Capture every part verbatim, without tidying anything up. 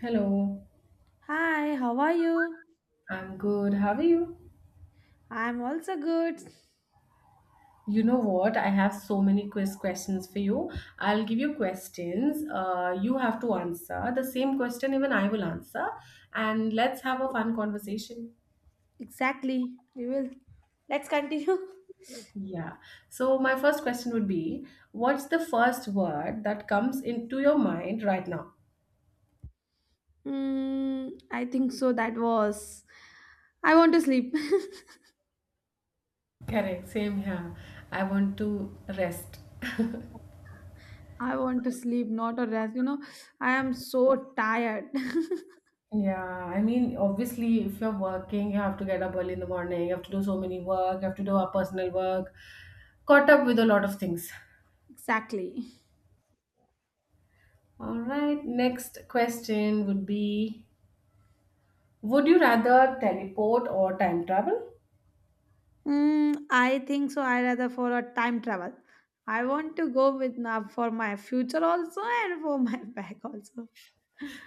Hello, Hi, how are you? I'm good. How are you? I'm also good. You know what? I have so many quiz questions for you. I'll give you questions. Uh, you have to answer the same question, even I will answer. And let's have a fun conversation. Exactly, we will. Let's continue. Yeah. So, my first question would be, what's the first word that comes into your mind right now? Mm, I think so. That was. I want to sleep. Correct. Same here. I want to rest. I want to sleep, not a rest. You know, I am so tired. Yeah, I mean, obviously, if you're working, you have to get up early in the morning, you have to do so many work, you have to do our personal work, caught up with a lot of things. Exactly. All right, next question would be, would you rather teleport or time travel? Mm, I think so. I rather for a time travel. I want to go with now for my future also and for my back also.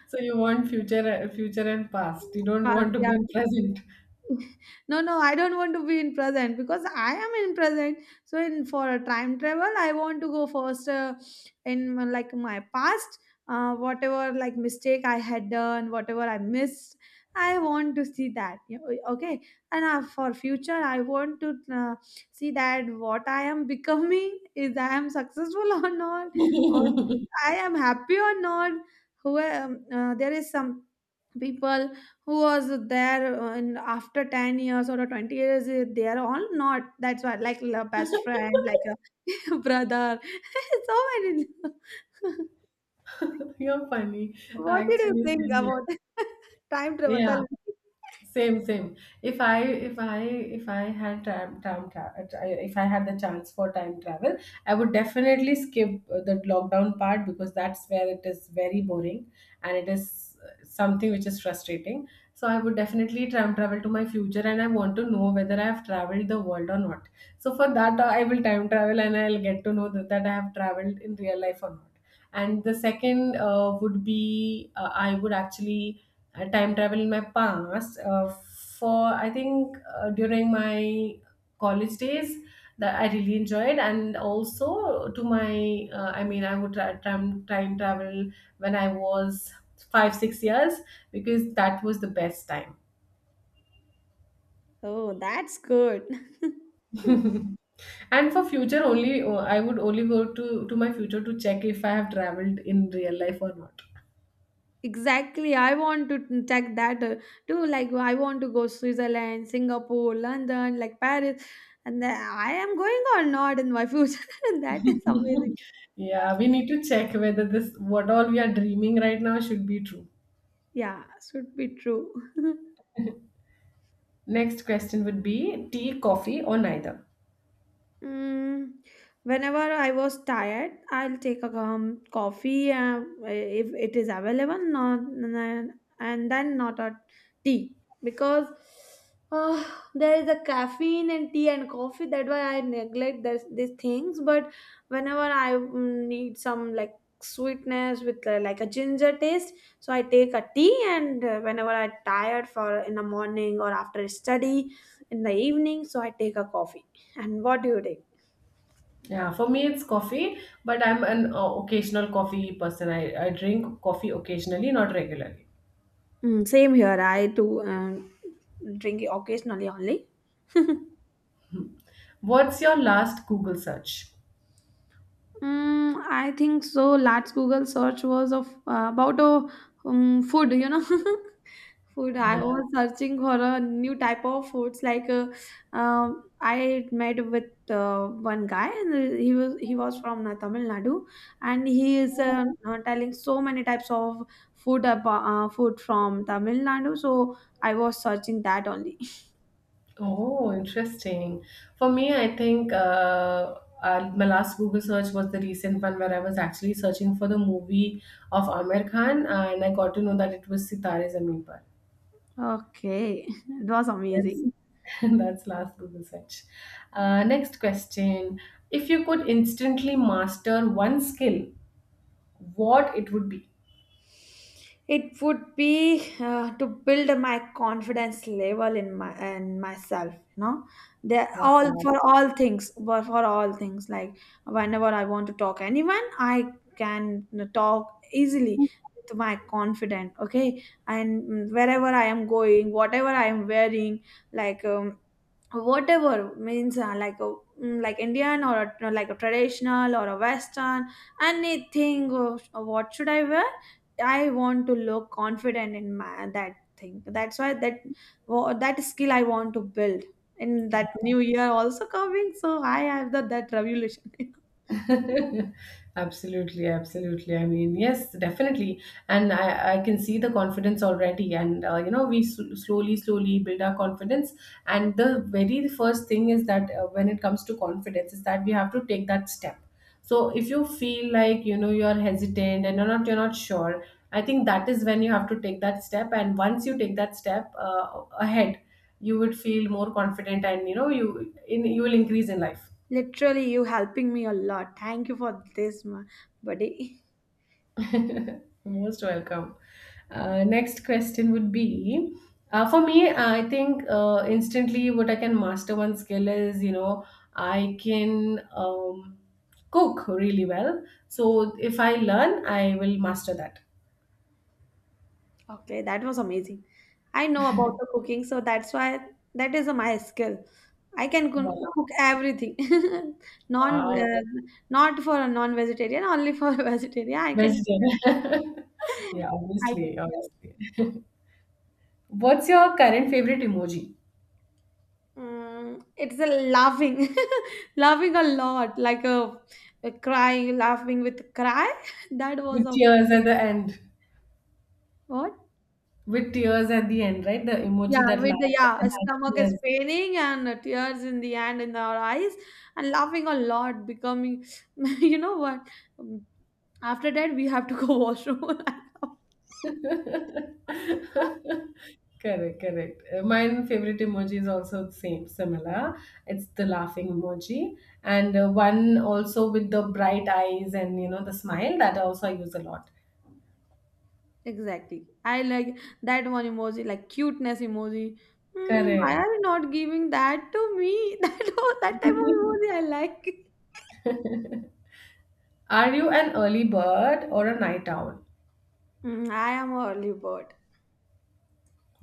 So you want future, future and past. You don't Past, want to yeah. be present. No, no, I don't want to be in present because I am in present. So in for a time travel, I want to go first uh, in my- like my past, uh, whatever like mistake I had done, whatever I missed. I want to see that. you know, Okay, and uh, for future, I want to uh, see that what I am becoming is I am successful or not, what I am happy or not. Who am- uh, there is some people who was there uh, in after ten years or twenty years uh, they are all not, that's why like a best friend like a brother so many. You're funny. What did you Actually, think same here. about time travel, tell Yeah. me? Same, same. If I, if I, if I had time, time, tra- if I had the chance for time travel, I would definitely skip uh, the lockdown part, because that's where it is very boring and it is uh, something which is frustrating. So I would definitely time travel to my future, and I want to know whether I have traveled the world or not. So for that, uh, I will time travel and I'll get to know that, that I have traveled in real life or not. And the second uh, would be uh, I would actually I time travel in my past uh, for, I think, uh, during my college days, that I really enjoyed. And also to my, uh, I mean, I would try time time travel when I was five six years, because that was the best time. Oh, that's good. And for future only, uh, I would only go to to my future, to check if I have traveled in real life or not. Exactly, I want to check that uh, too. Like I want to go Switzerland, Singapore, London, like Paris, and then I am going or not in my future. That is amazing. Yeah, we need to check whether this, what all we are dreaming right now, should be true. Yeah, should be true. Next question would be, tea, coffee, or neither? Mm, whenever I was tired, I'll take a um, coffee uh, if it is available, not, and then not a tea, because uh, there is a caffeine in tea and coffee. That's why I neglect this, these things. But whenever I mm, need some like sweetness with uh, like a ginger taste, so I take a tea. And uh, whenever I tired for in the morning or after study in the evening, so I take a coffee. And what do you take? Yeah, for me it's coffee, but I'm an uh, occasional coffee person. I, I drink coffee occasionally, not regularly. Mm, same here. I too um, drink it occasionally only. What's your last Google search? Mm, I think so. Last Google search was of uh, about a um, food, you know, food. I Yeah. was searching for a new type of foods. Like uh, um I met with uh, one guy, and he was he was from uh, Tamil Nadu, and he is uh, uh, telling so many types of food about uh, food from Tamil Nadu. So I was searching that only. Oh, interesting. For me, I think, uh, uh, my last Google search was the recent one, where I was actually searching for the movie of Amir Khan, and I got to know that it was Sitare Zameen Par. Okay, it was Yes, amazing. that's last Google search. Uh, next question. If you could instantly master one skill, what it would be? It would be uh, to build my confidence level in my and myself. You know, they all Wow. for all things, for for all things. Like whenever I want to talk anyone, I can talk easily with my confident. Okay, and wherever I am going, whatever I am wearing, like um, whatever means uh, like a mm, like Indian or a, like a traditional or a western, anything of, of what should I wear. I want to look confident in my that thing, that's why that wha- that skill I want to build in that new year also coming, so I have the that revolution. Absolutely, absolutely, I mean, yes, definitely. And i i can see the confidence already, and uh, you know, we s- slowly, slowly build our confidence, and the very first thing is that, uh, when it comes to confidence, is that we have to take that step. So if you feel like, you know, you're hesitant and you're not you're not sure, I think that is when you have to take that step, and once you take that step uh, ahead, you would feel more confident, and you know, you in you will increase in life. Literally, you helping me a lot. Thank you for this, my buddy. Most welcome. Uh, next question would be, uh, for me, I think, uh, instantly what I can master one skill is, you know, I can, um, cook really well. So if I learn, I will master that. Okay, that was amazing. I know about the cooking, so that's why that is my skill. I can cook Wow, cook everything. Non, wow, uh, the Not for a non-vegetarian, only for a vegetarian. I can cook vegetarian. everything. Yeah, I can. obviously, obviously. What's your current favorite emoji? Mm, it's a laughing, laughing a lot, like a, a cry, laughing with cry. That was With a tears at the end. what? With tears at the end, right? The Yeah, emoji that with the laughs yeah, a and then has stomach is tears. paining and uh, tears in the hand in our eyes and laughing a lot, becoming you know what? Um, After that, we have to go washroom. Correct, correct. Uh, My favorite emoji is also the same, similar. It's the laughing emoji, and uh, one also with the bright eyes and, you know, the smile, that also I use a lot. Exactly. I like that one emoji, like cuteness emoji. Hmm, why Correct. are you not giving that to me? That, that type of emoji I like. Are you an early bird or a night owl? Hmm, I am a early bird.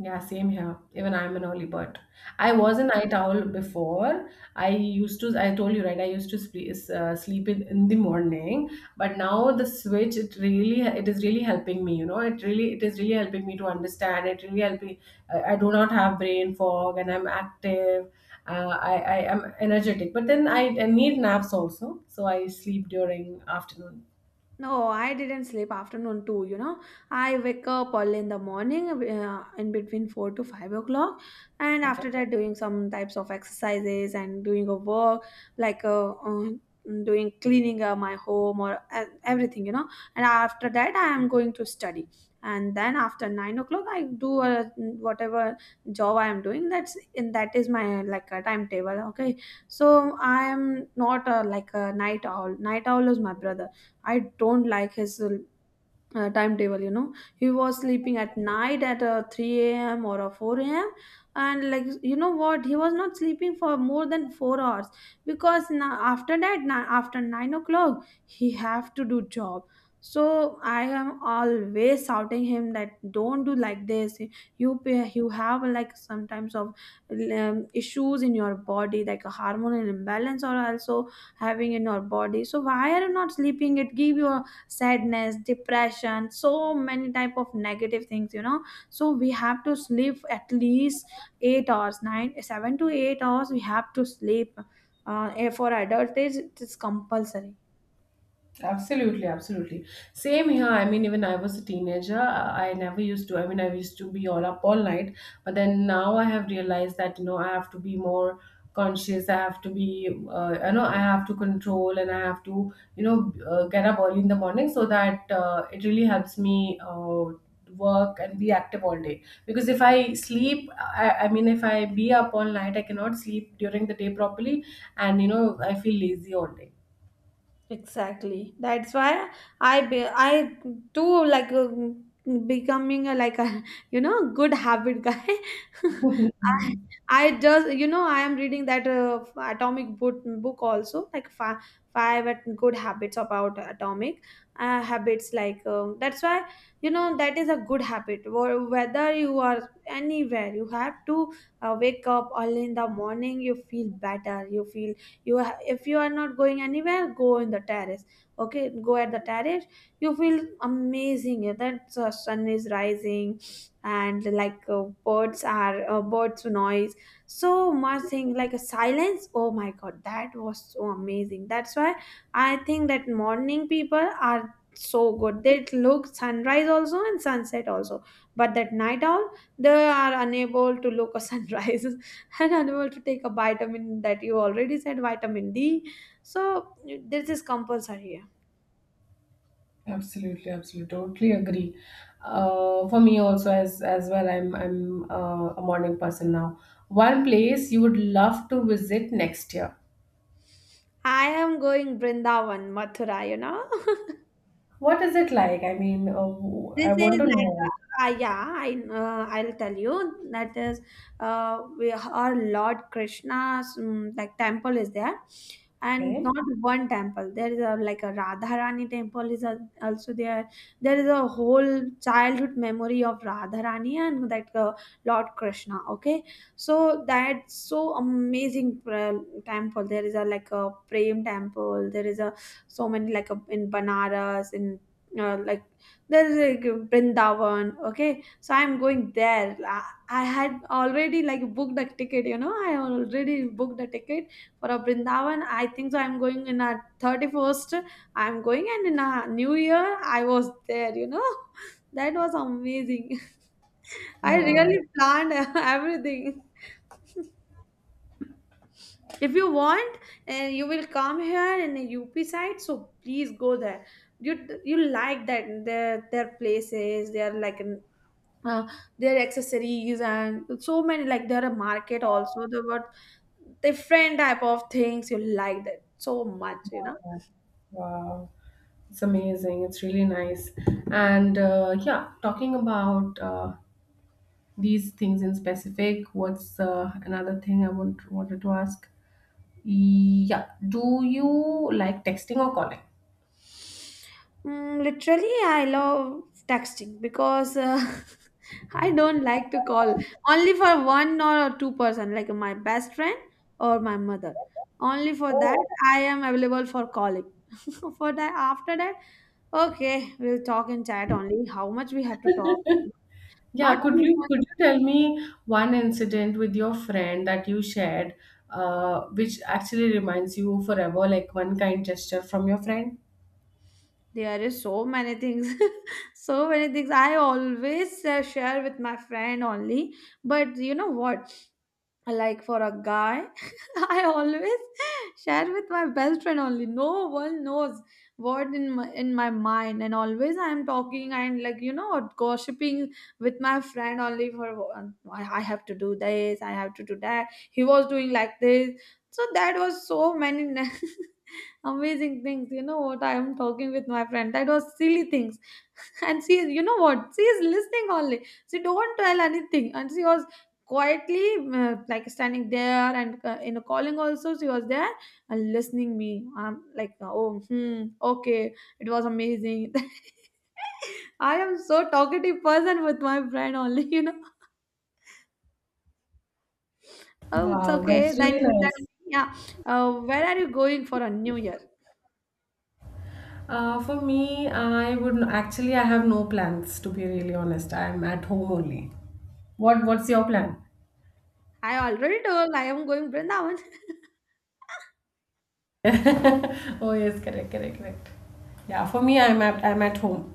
Yeah, same here. Even I'm an early bird. I Yeah. was a night owl before. I used to, I told you, right? I used to sleep, uh, sleep in, in the morning, but now the switch, it really, it is really helping me, you know, it really, it is really helping me to understand. It really helping me. I, I do not have brain fog and I'm active. Uh, I, I am energetic, but then I, I need naps also. So I sleep during afternoon. No, I didn't sleep afternoon too, you know. I wake up early in the morning uh, in between four to five o'clock, and Okay. after that doing some types of exercises and doing a work like uh, uh, doing cleaning uh, my home or uh, everything, you know. And after that I am going to study. And then after nine o'clock I do uh, whatever job I am doing. That's in that is my like a timetable, okay? So I am not uh, like a night owl. Night owl is my brother. I don't like his uh, uh, timetable, you know. He was sleeping at night at uh, three a m or uh, four a m. And, like, you know what? He was not sleeping for more than four hours because na- after that, na- after nine o'clock, he have to do job. So I am always shouting him that don't do like this. You pay- you have like sometimes of um, issues in your body like a hormonal imbalance or also having in your body, so why are you not sleeping? It give you sadness, depression, so many type of negative things, you know. So we have to sleep at least eight hours, nine seven to eight hours we have to sleep, uh, eh, for adult age it is compulsory. Absolutely, absolutely. Same here. I mean, even I was a teenager, I I never used to. I mean, I used to be all up all night, but then now I have realized that, you know, I have to be more conscious. I have to be, uh, you know, I have to control, and I have to, you know, uh, get up early in the morning, so that uh, it really helps me uh, work and be active all day. Because if I sleep, I, I mean, if I be up all night, I cannot sleep during the day properly, and you know, I feel lazy all day. Exactly. That's why I be, I too like uh, becoming a, like a you know good habit guy. I I just, you know, I am reading that uh, atomic book book also, like five five at- good habits about atomic uh, habits like um, that's why, you know, that is a good habit. Wh- whether you are anywhere, you have to uh, wake up early in the morning, you feel better, you feel, you ha- if you are not going anywhere, go in the terrace, okay, go at the terrace, you feel amazing. Yeah, that uh, sun is rising and like uh, birds are uh, birds noise, so much thing like a silence. Oh my god, that was so amazing. That's why I think that morning people are so good, they look sunrise also and sunset also, but that night owl, they are unable to look a sunrise, an animal to take a vitamin that you already said, vitamin D. So this is compulsory. Absolutely, absolutely, totally agree. Uh, for me also, as as well, I'm I'm uh, a morning person now. One place you would love to visit next year. I am going Brindavan, Mathura, you know. What is it like? I mean, uh, I This want is to like, know. uh, uh, yeah, I, uh, I'll tell you that is, uh, we, our Lord Krishna's um, like temple is there, and Okay. not one temple. There is a like a Radharani temple is a, also there. There is a whole childhood memory of Radharani and that uh, Lord Krishna. Okay, so that's so amazing uh, temple. There is a like a Prem temple. There is a so many like a, in Banaras in uh, like there's like Brindavan. Okay, so I'm going there. I, I had already like booked a ticket. You know, I already booked a ticket for a Brindavan. I think so. I'm going in a thirty first. I'm going, and in a New Year, I was there. You know, that was amazing. I really Wow. planned everything. If you want, and you will come here in the U P side, so please go there. You you like that their their places, they are like an uh, their accessories and so many like there are market also. There were different type of things, you like that so much, you know. Wow. Wow. It's amazing. It's really nice. And uh, yeah, talking about, uh, these things in specific, what's, uh, another thing I want wanted to ask? Yeah. Do you like texting or calling? Mm, literally, I love texting because uh, I don't like to call, only for one or two person, like my best friend or my mother. Only for that, I am available for calling. For that, after that, okay, we'll talk in chat only. How much we have to talk? Not Yeah, could too you much. could you tell me one incident with your friend that you shared, uh, which actually reminds you forever, like one kind gesture from your friend? There is so many things, so many things. I always uh, share with my friend only. But you know what? Like for a guy, I always share with my best friend only, no one knows what in my, in my mind, and always I am talking and like, you know, gossiping with my friend only for one. i I have to do this, I have to do that, he was doing like this, so that was so many amazing things, you know what, I am talking with my friend, that was silly things. And she is, you know what, she is listening only, she don't tell anything, and she was quietly, uh, like standing there, and uh, in a calling also she was there and listening me. I'm like, oh, hmm, okay, it was amazing. I am so talkative person with my friend only. You know, oh, it's Wow, okay that's really then. nice. Yeah, uh, where are you going for a new year? Uh, for me, I would actually I have no plans, to be really honest. I'm at home only. What what's your plan? I already told, I am going Brindavan. Oh yes, correct, correct, correct. Yeah, for me, I'm at I'm at home.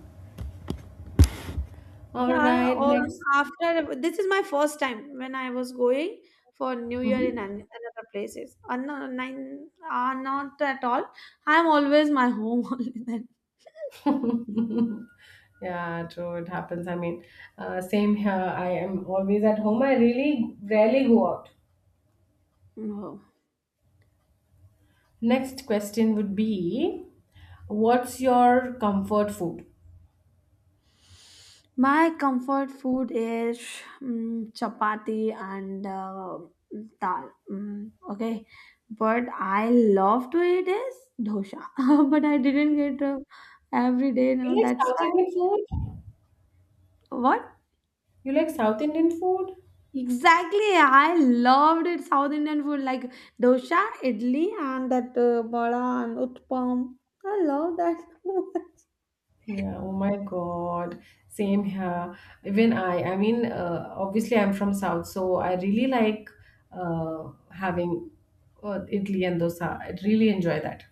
All Yeah, right, or next. after this is my first time when I was going for New Year in an, Mhm. another places. Uh, no, nine, uh, not at all. I'm always my home only then. Yeah, true. It happens. I mean, uh, same here. I am always at home. I really rarely go out. No. Next question would be, what's your comfort food? My comfort food is mm chapati and uh, dal. Mm, okay, but I love to eat is dosa. But I didn't get uh, every day. No, You like that's South why. Indian food? What? You like South Indian food? Exactly, I loved it. South Indian food like dosa, idli, and that uh, vada and utpam. I love that so much. Yeah, oh my God. Same here. Even I, I mean, uh, obviously I'm from South, so I really like uh, having uh, idli and dosa. I really enjoy that.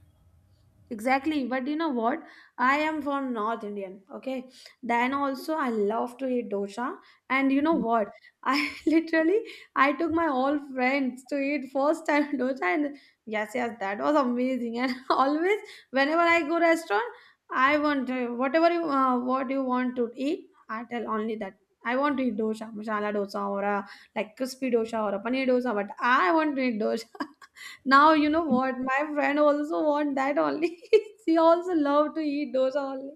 Exactly, but you know what? I am from North Indian, okay? Then also I love to eat dosa. And you know what? I literally I took my all friends to eat first time dosa and yes, yes, that was amazing. And always whenever I go restaurant, I want to, whatever you uh, what you want to eat, I tell only that. I want to eat dosa, masala dosa or a like crispy dosa or a paneer dosa, but I want to eat dosa. Now you know what? My friend also want that only. She also love to eat dosa only.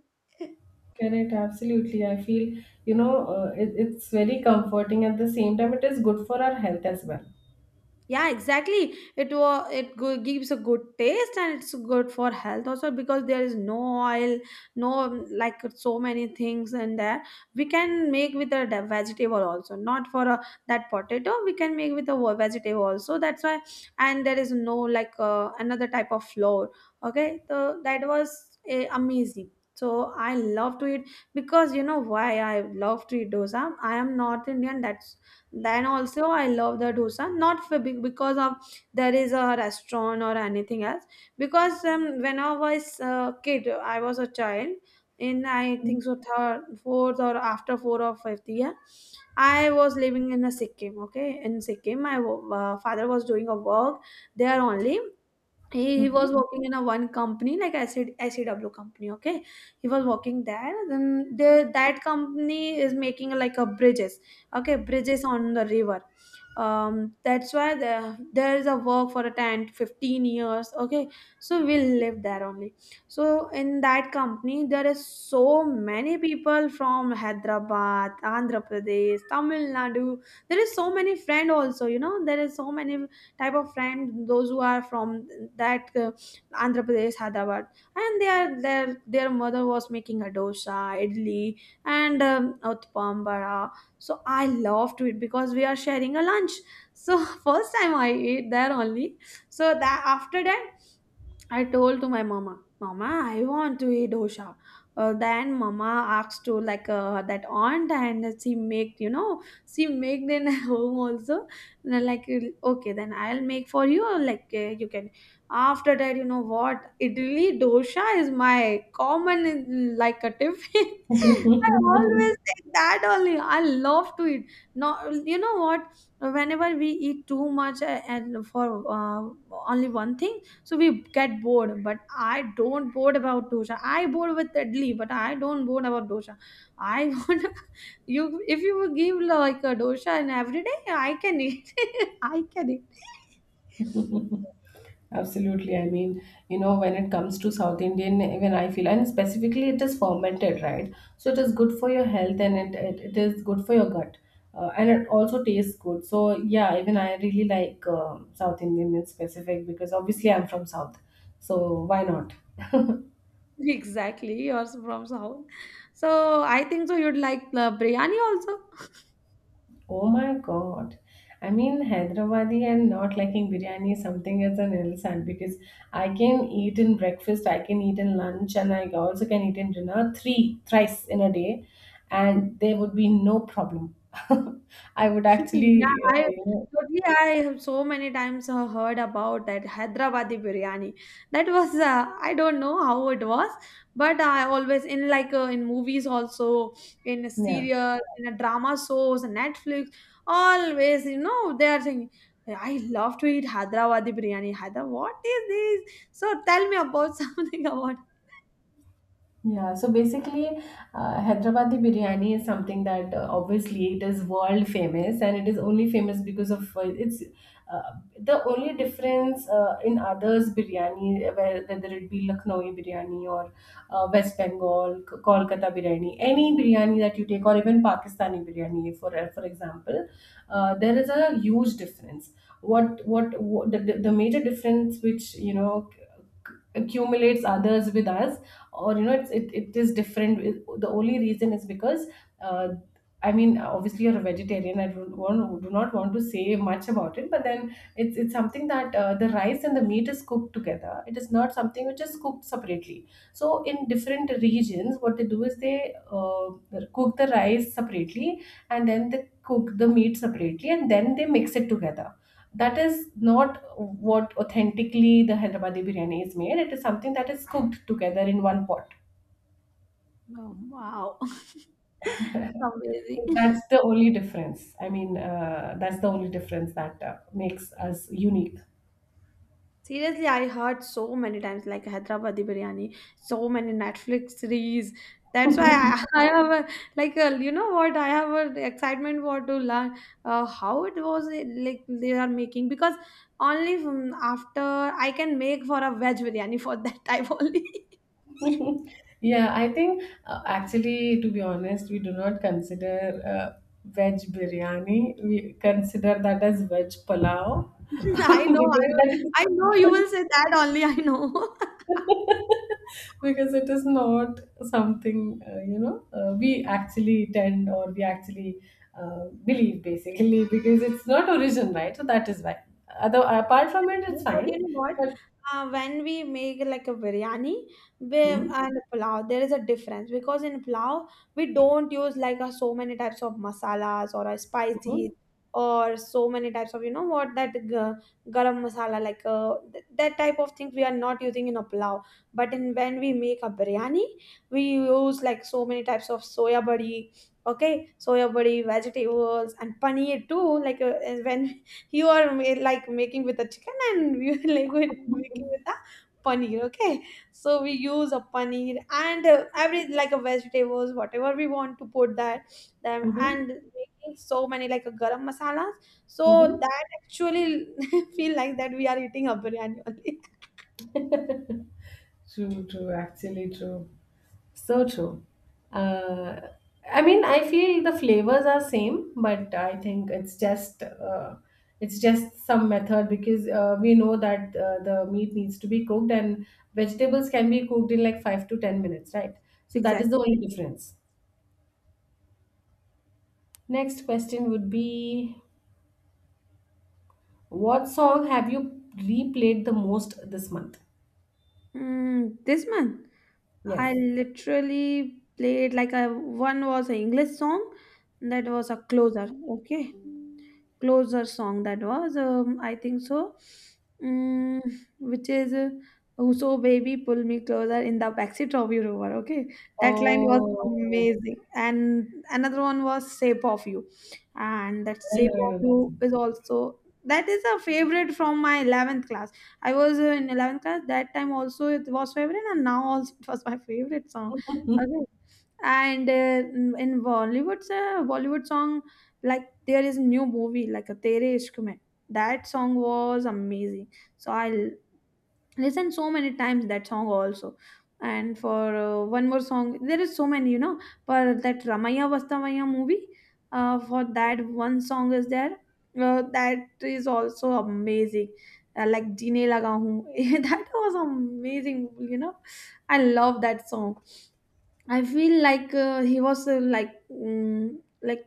Correct, absolutely. I feel, you know, uh, it, it's very comforting. At the same time, it is good for our health as well. Yeah, exactly it was it go- gives a good taste, and it's good for health also because there is no oil, no um, like so many things in there. We can make with a de- vegetable also, not for a, that potato we can make with a wa- vegetable also, that's why. And there is no like uh, another type of flour, okay, so that was uh, amazing, so I love to eat because you know why I love to eat dosa, I am North Indian, that's then also I love the dosa, not for big because of there is a restaurant or anything else. Because um, when I was a kid, I was a child in I think so third, fourth or after four or fifth year, I was living in a Sikkim. Okay, in Sikkim, my wo- uh, father was doing a work there only, he he Mhm. was working in a one company like acid I C W company, okay. He was working there then the that company is making like a bridges, okay, bridges on the river. Um that's why the, there is a work for a ten to fifteen years, okay, so we'll live there only. So in that company there is so many people from Hyderabad, Andhra Pradesh, Tamil Nadu. There is so many friend also, you know, there is so many type of friend those who are from that uh, Andhra Pradesh, Hyderabad, and their their their mother was making a dosa, idli, and um, utpam, vada. So I love to eat because we are sharing a lunch, so first time I ate there only. So that after that I told to my mama, Mama, I want to eat dosha. Uh, then mama asked to like uh, that aunt and she make, you know, she make then home also. And I like, okay, then I'll make for you like uh, you can. After that, you know what, Italy dosha is my common in- like a tiffin. I always take that only. I love to eat. No, you know what, whenever we eat too much uh, and for uh, only one thing, so we get bored, but I don't bored about dosha. I bored with idli, but I don't bored about dosha. I want you if you would give like a dosha and every day I can eat. I can eat. Absolutely. I mean, you know, when it comes to South Indian, when I feel, and specifically it is fermented, right? So it is good for your health, and it, it, it is good for your gut. Uh, and it also tastes good. So, yeah, even I really like, um South Indian in specific, because obviously I'm from South. So, why not? Exactly, yours from South, so I think so you'd like the biryani also. Oh my God. I mean, Hyderabadi and not liking biryani is something as an insult, because I can eat in breakfast, I can eat in lunch, and I also can eat in dinner, three thrice in a day, and there would be no problem. I would Yeah, actually, uh, I you know totally. I have so many times uh, heard about that Hyderabadi biryani. That was uh, I don't know how it was, but I always in like uh, in movies also, in a yeah. serial, in a drama shows, Netflix, always, you know, they are saying I love to eat Hyderabadi biryani. Hyderabad, what is this? So tell me about something about. Yeah, so basically, uh, Hyderabadi biryani is something that, uh, obviously it is world famous, and it is only famous because of, uh, it's uh, the only difference, uh, in others biryani, where- whether it be Lucknowi biryani or, uh, West Bengal, K- Kolkata biryani, any biryani that you take, or even Pakistani biryani, for, uh, for example, uh, there is a huge difference. What what, what the, the the major difference, which, you know, accumulates others with us, or, you know, it's, it, it is different. It- the only reason is, because, uh, I mean, obviously you're a vegetarian, I don't want, do not want to say much about it, but then it's it's something that, uh, the rice and the meat is cooked together, it is not something which is cooked separately. So in different regions, what they do is they, uh, cook the rice separately, and then they cook the meat separately, and then they mix it together. That is not what authentically the Hyderabadi biryani is made. It is something that is cooked together in one pot. Oh, wow, it's amazing. So that's the only difference. I mean, uh, that's the only difference that uh, makes us unique. Seriously, I heard so many times like Hyderabadi biryani, so many Netflix series. That's why I, I have a, like a, you know what, I have an excitement for to learn uh, how it was uh, like they are making, because only from after I can make for a veg biryani for that type only. Yeah, I think, uh, actually, to be honest, we do not consider, uh, veg biryani. We consider that as veg palau, I know I because will- that I know you will is, say that only, I know. because it is not something, uh, you know, uh, we actually tend, or we actually, uh, believe, basically, because it's not origin, right? So that is why. Other, apart from it Chutney, it's but fine, you know what? but. Uh, when we make like a biryani with, Hmm. and pulao, there is a difference because in pulao we don't use like a, so many types of masalas or a Hmm. spices, or so many types of, you know what, that ga- garam masala like uh, th- that type of things we are not using in a pulao. But in when we make a biryani, we use like so many types of soya body, okay, soya body vegetables and paneer too, like uh, when you are ma- like making with the chicken and we are like with- making with the paneer, okay, so we use a paneer and uh, every like a vegetables whatever we want to put that them Hmm. and making so many like a garam masalas. So Hmm. that actually feel like that we are eating a biryani only. True, true, actually true. So true. Uh, I mean, I feel the flavors are same, but I think it's just uh, it's just some method, because, uh, we know that, uh, the meat needs to be cooked, and vegetables can be cooked in like five to ten minutes, right? So that is Exactly. the only difference. Next question would be, what song have you replayed the most this month? Mm, this month, Yes. I literally played like a one was an English song that was a closer. Okay, closer song that was um, I think so, mm, which is uh, "Oh, so baby pull me closer in the backseat of your rover," okay, that line was Oh, amazing. And another one was Shape of You, and that I Shape know, I of know You that. is also that is a favorite from my eleventh class. I was uh, in eleventh class that time also it was favorite and now also it was my favorite song, okay. And uh, in Bollywood's uh, Bollywood song, like there is a new movie like a Tere Ishq Mein. That song was amazing. So I l- listened so many times that song also. And for uh, one more song, there is so many, you know. For that Ramaya Vastavaya movie, uh, for that one song is there. Uh, that is also amazing. Uh, like Jine Laga Hoon. That was amazing, you know. I love that song. I feel like uh, he was uh, like mm, like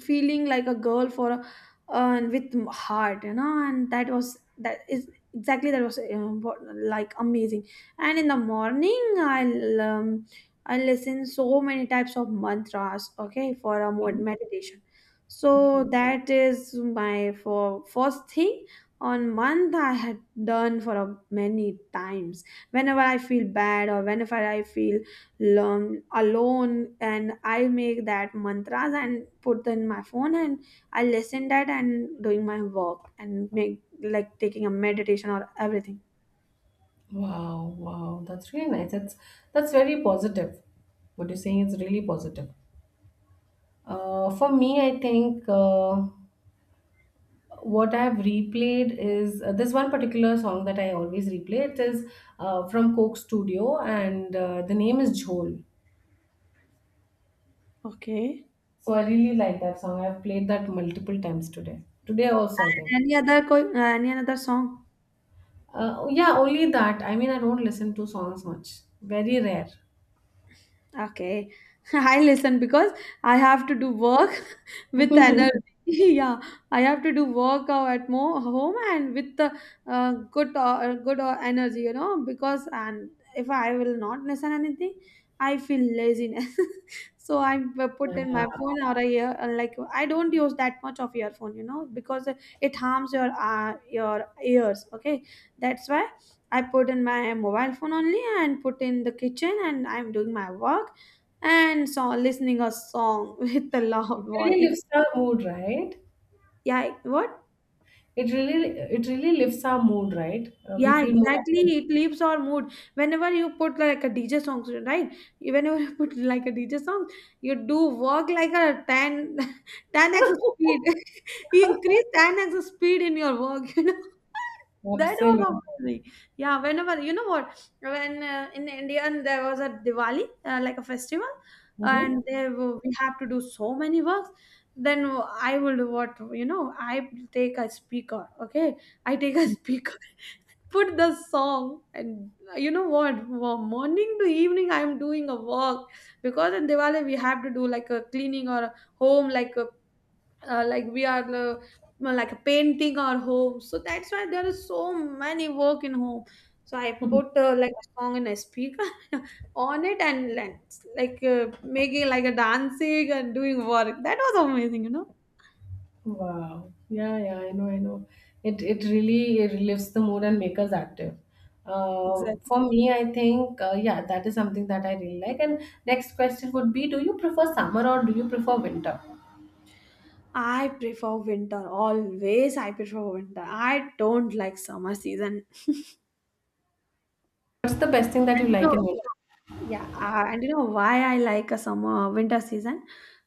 feeling like a girl for a, and with m- heart, you know, and that was that is exactly that was uh, what, like amazing. And in the morning, I'll um, I listen so many types of mantras, okay, for a mod- meditation. So Okay. that is my for first thing on month I had done for a, many times. Whenever I feel bad or whenever I feel learn alone, and I make that mantras and put them in my phone and I listen that and doing my work and make like taking a meditation or everything. Wow, wow, that's really nice. That's that's very positive. What you're saying is really positive. Uh, for me, I think, uh, what I've replayed is, uh, this one particular song that I always replay. It is, uh, from Coke Studio, and, uh, the name is Jhol. Okay. So I really like that song. I've played that multiple times today. Today also, I think. Any other co- any another song? Uh, yeah, only that. I mean, I don't listen to songs much. Very rare. Okay, I listen because I have to do work with energy. Yeah, I have to do work uh, at more home and with the uh, good uh, good uh, energy, you know. Because and if I will not listen anything, I feel laziness. So I p- put in Yeah, my phone or I ear uh, like I don't use that much of earphone, you know, because it harms your uh, your ears. Okay, that's why I put in my mobile phone only and put in the kitchen and I'm doing my work and so listening a song with a loud it voice. really lifts our mood, right? Yeah, what? It really it really lifts our mood, right? Uh, we Yeah, feel more exactly. active. It leaves our mood. Whenever you put like a D J song, right? Whenever you put like a D J song, you do work like a ten ten 10x speed. You increase ten x speed in your work, you know. That Absolutely. was amazing. Yeah, whenever, you know what, when uh, in India there was a Diwali, uh, like a festival, Hmm. and they, w- we have to do so many works, then I would what, you know, I take a speaker, okay? I take a speaker, put the song, and uh, you know what? From morning to evening, I'm doing a walk because in Diwali we have to do like a cleaning or a home, like a uh, like we are uh, like painting our home. So that's why there is so many work in home. So I put uh, like a song in a speaker on it and like like, uh, making like a dancing and doing work. That was amazing, you know. Wow. Yeah, yeah, I know, I know. It it really it lifts the mood and makes us active. Uh, Exactly. for me, I think, uh, yeah, that is something that I really like. And next question would be, do you prefer summer or do you prefer winter? I prefer winter always. I prefer winter. I don't like summer season. What's the best thing that you And like in so, yeah, uh, and you know why I like a summer winter season,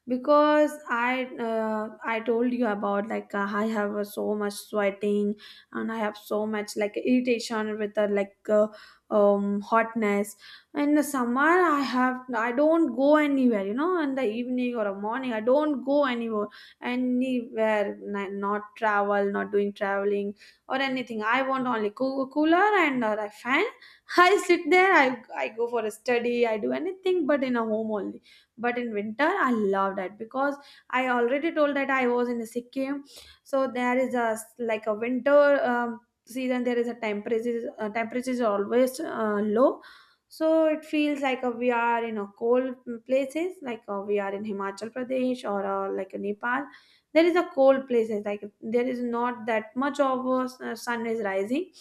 because I uh, I told you about like uh, I have uh, so much sweating, and I have so much like irritation with the like uh, um hotness. In the summer, I have I don't go anywhere. You know, in the evening or a morning, I don't go anywhere anywhere. n- Not travel, not doing traveling or anything. I want only cool cooler and uh, a fan. I sit there, I, I go for a study, I do anything but in a home only. But in winter, I love that because I already told that I was in Sikkim. So there is a s- like a winter um, season, there is a temperature, uh, temperature is always uh, low. So it feels like uh, we are in a cold places, like uh, we are in Himachal Pradesh or uh, like Nepal. There is a cold places, like there is not that much of a s- uh, sun is rising,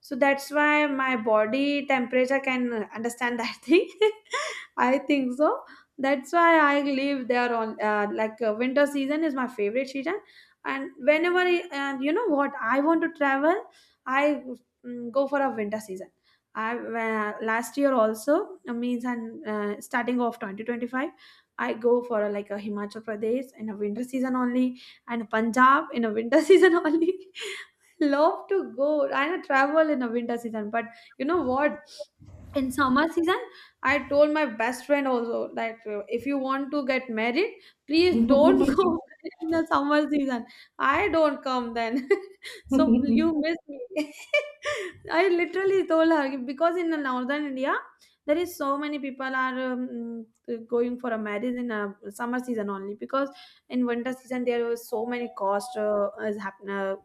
so that's why my body temperature can understand that thing. I think so that's why I live there on uh, like uh, winter season is my favorite season. And whenever I, and you know what, I want to travel, I mm, go for a winter season. I uh, Last year also uh, means and uh, starting of twenty twenty-five, I go for a, like a Himachal Pradesh in a winter season only, and Punjab in a winter season only. Love to go and travel in a winter season. But you know what? In summer season, I told my best friend also that uh, if you want to get married, please don't winter? go in the summer season. I don't come then. So you miss me. I literally told her because in the northern India, there is so many people are um, going for a marriage in a summer season only, because in winter season there was so many cost uh, is happen uh,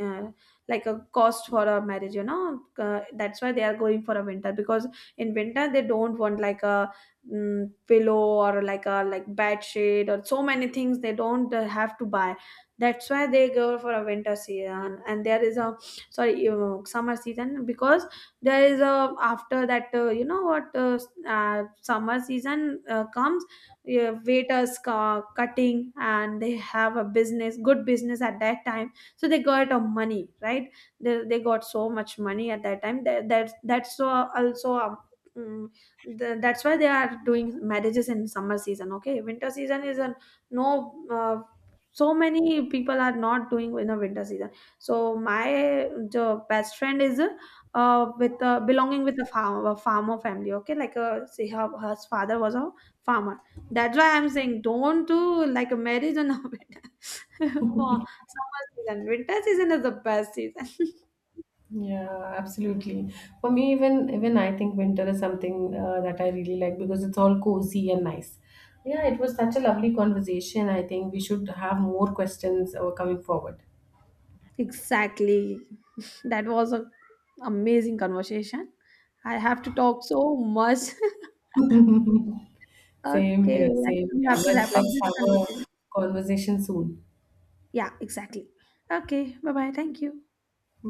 uh, like a cost for a marriage, you know, uh, that's why they are going for a winter because in winter they don't want like a mm, pillow or like a like bed sheet or so many things they don't uh, have to buy, that's why they go for a winter season. And there is a sorry uh, summer season, because there is a after that uh, you know what uh, s- uh, summer season uh, comes uh, waiters ca- cutting and they have a business good business at that time, so they got a money, right? They, they got so much money at that time that, that that's so also um, mm, the, that's why they are doing marriages in summer season, okay. Winter season is a no uh, so many people are not doing in a winter season. So my the best friend is uh, with uh, belonging with a, farm, a farmer family, okay, like uh, see her, her father was a farmer, that's why I'm saying don't do like a marriage on a winter. Summer season, winter season is the best season. Yeah, absolutely. For me, even even I think winter is something, uh, that I really like, because it's all cozy and nice. Yeah, it was such a lovely conversation. I think we should have more questions, uh, coming forward. Exactly. That was an amazing conversation. I have to talk so much. Same Okay, here, let's same. we Yeah, have to let's wrap up let's this have a conversation. conversation soon. Yeah, exactly. Okay, bye bye. Thank you.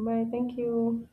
Bye. Thank you.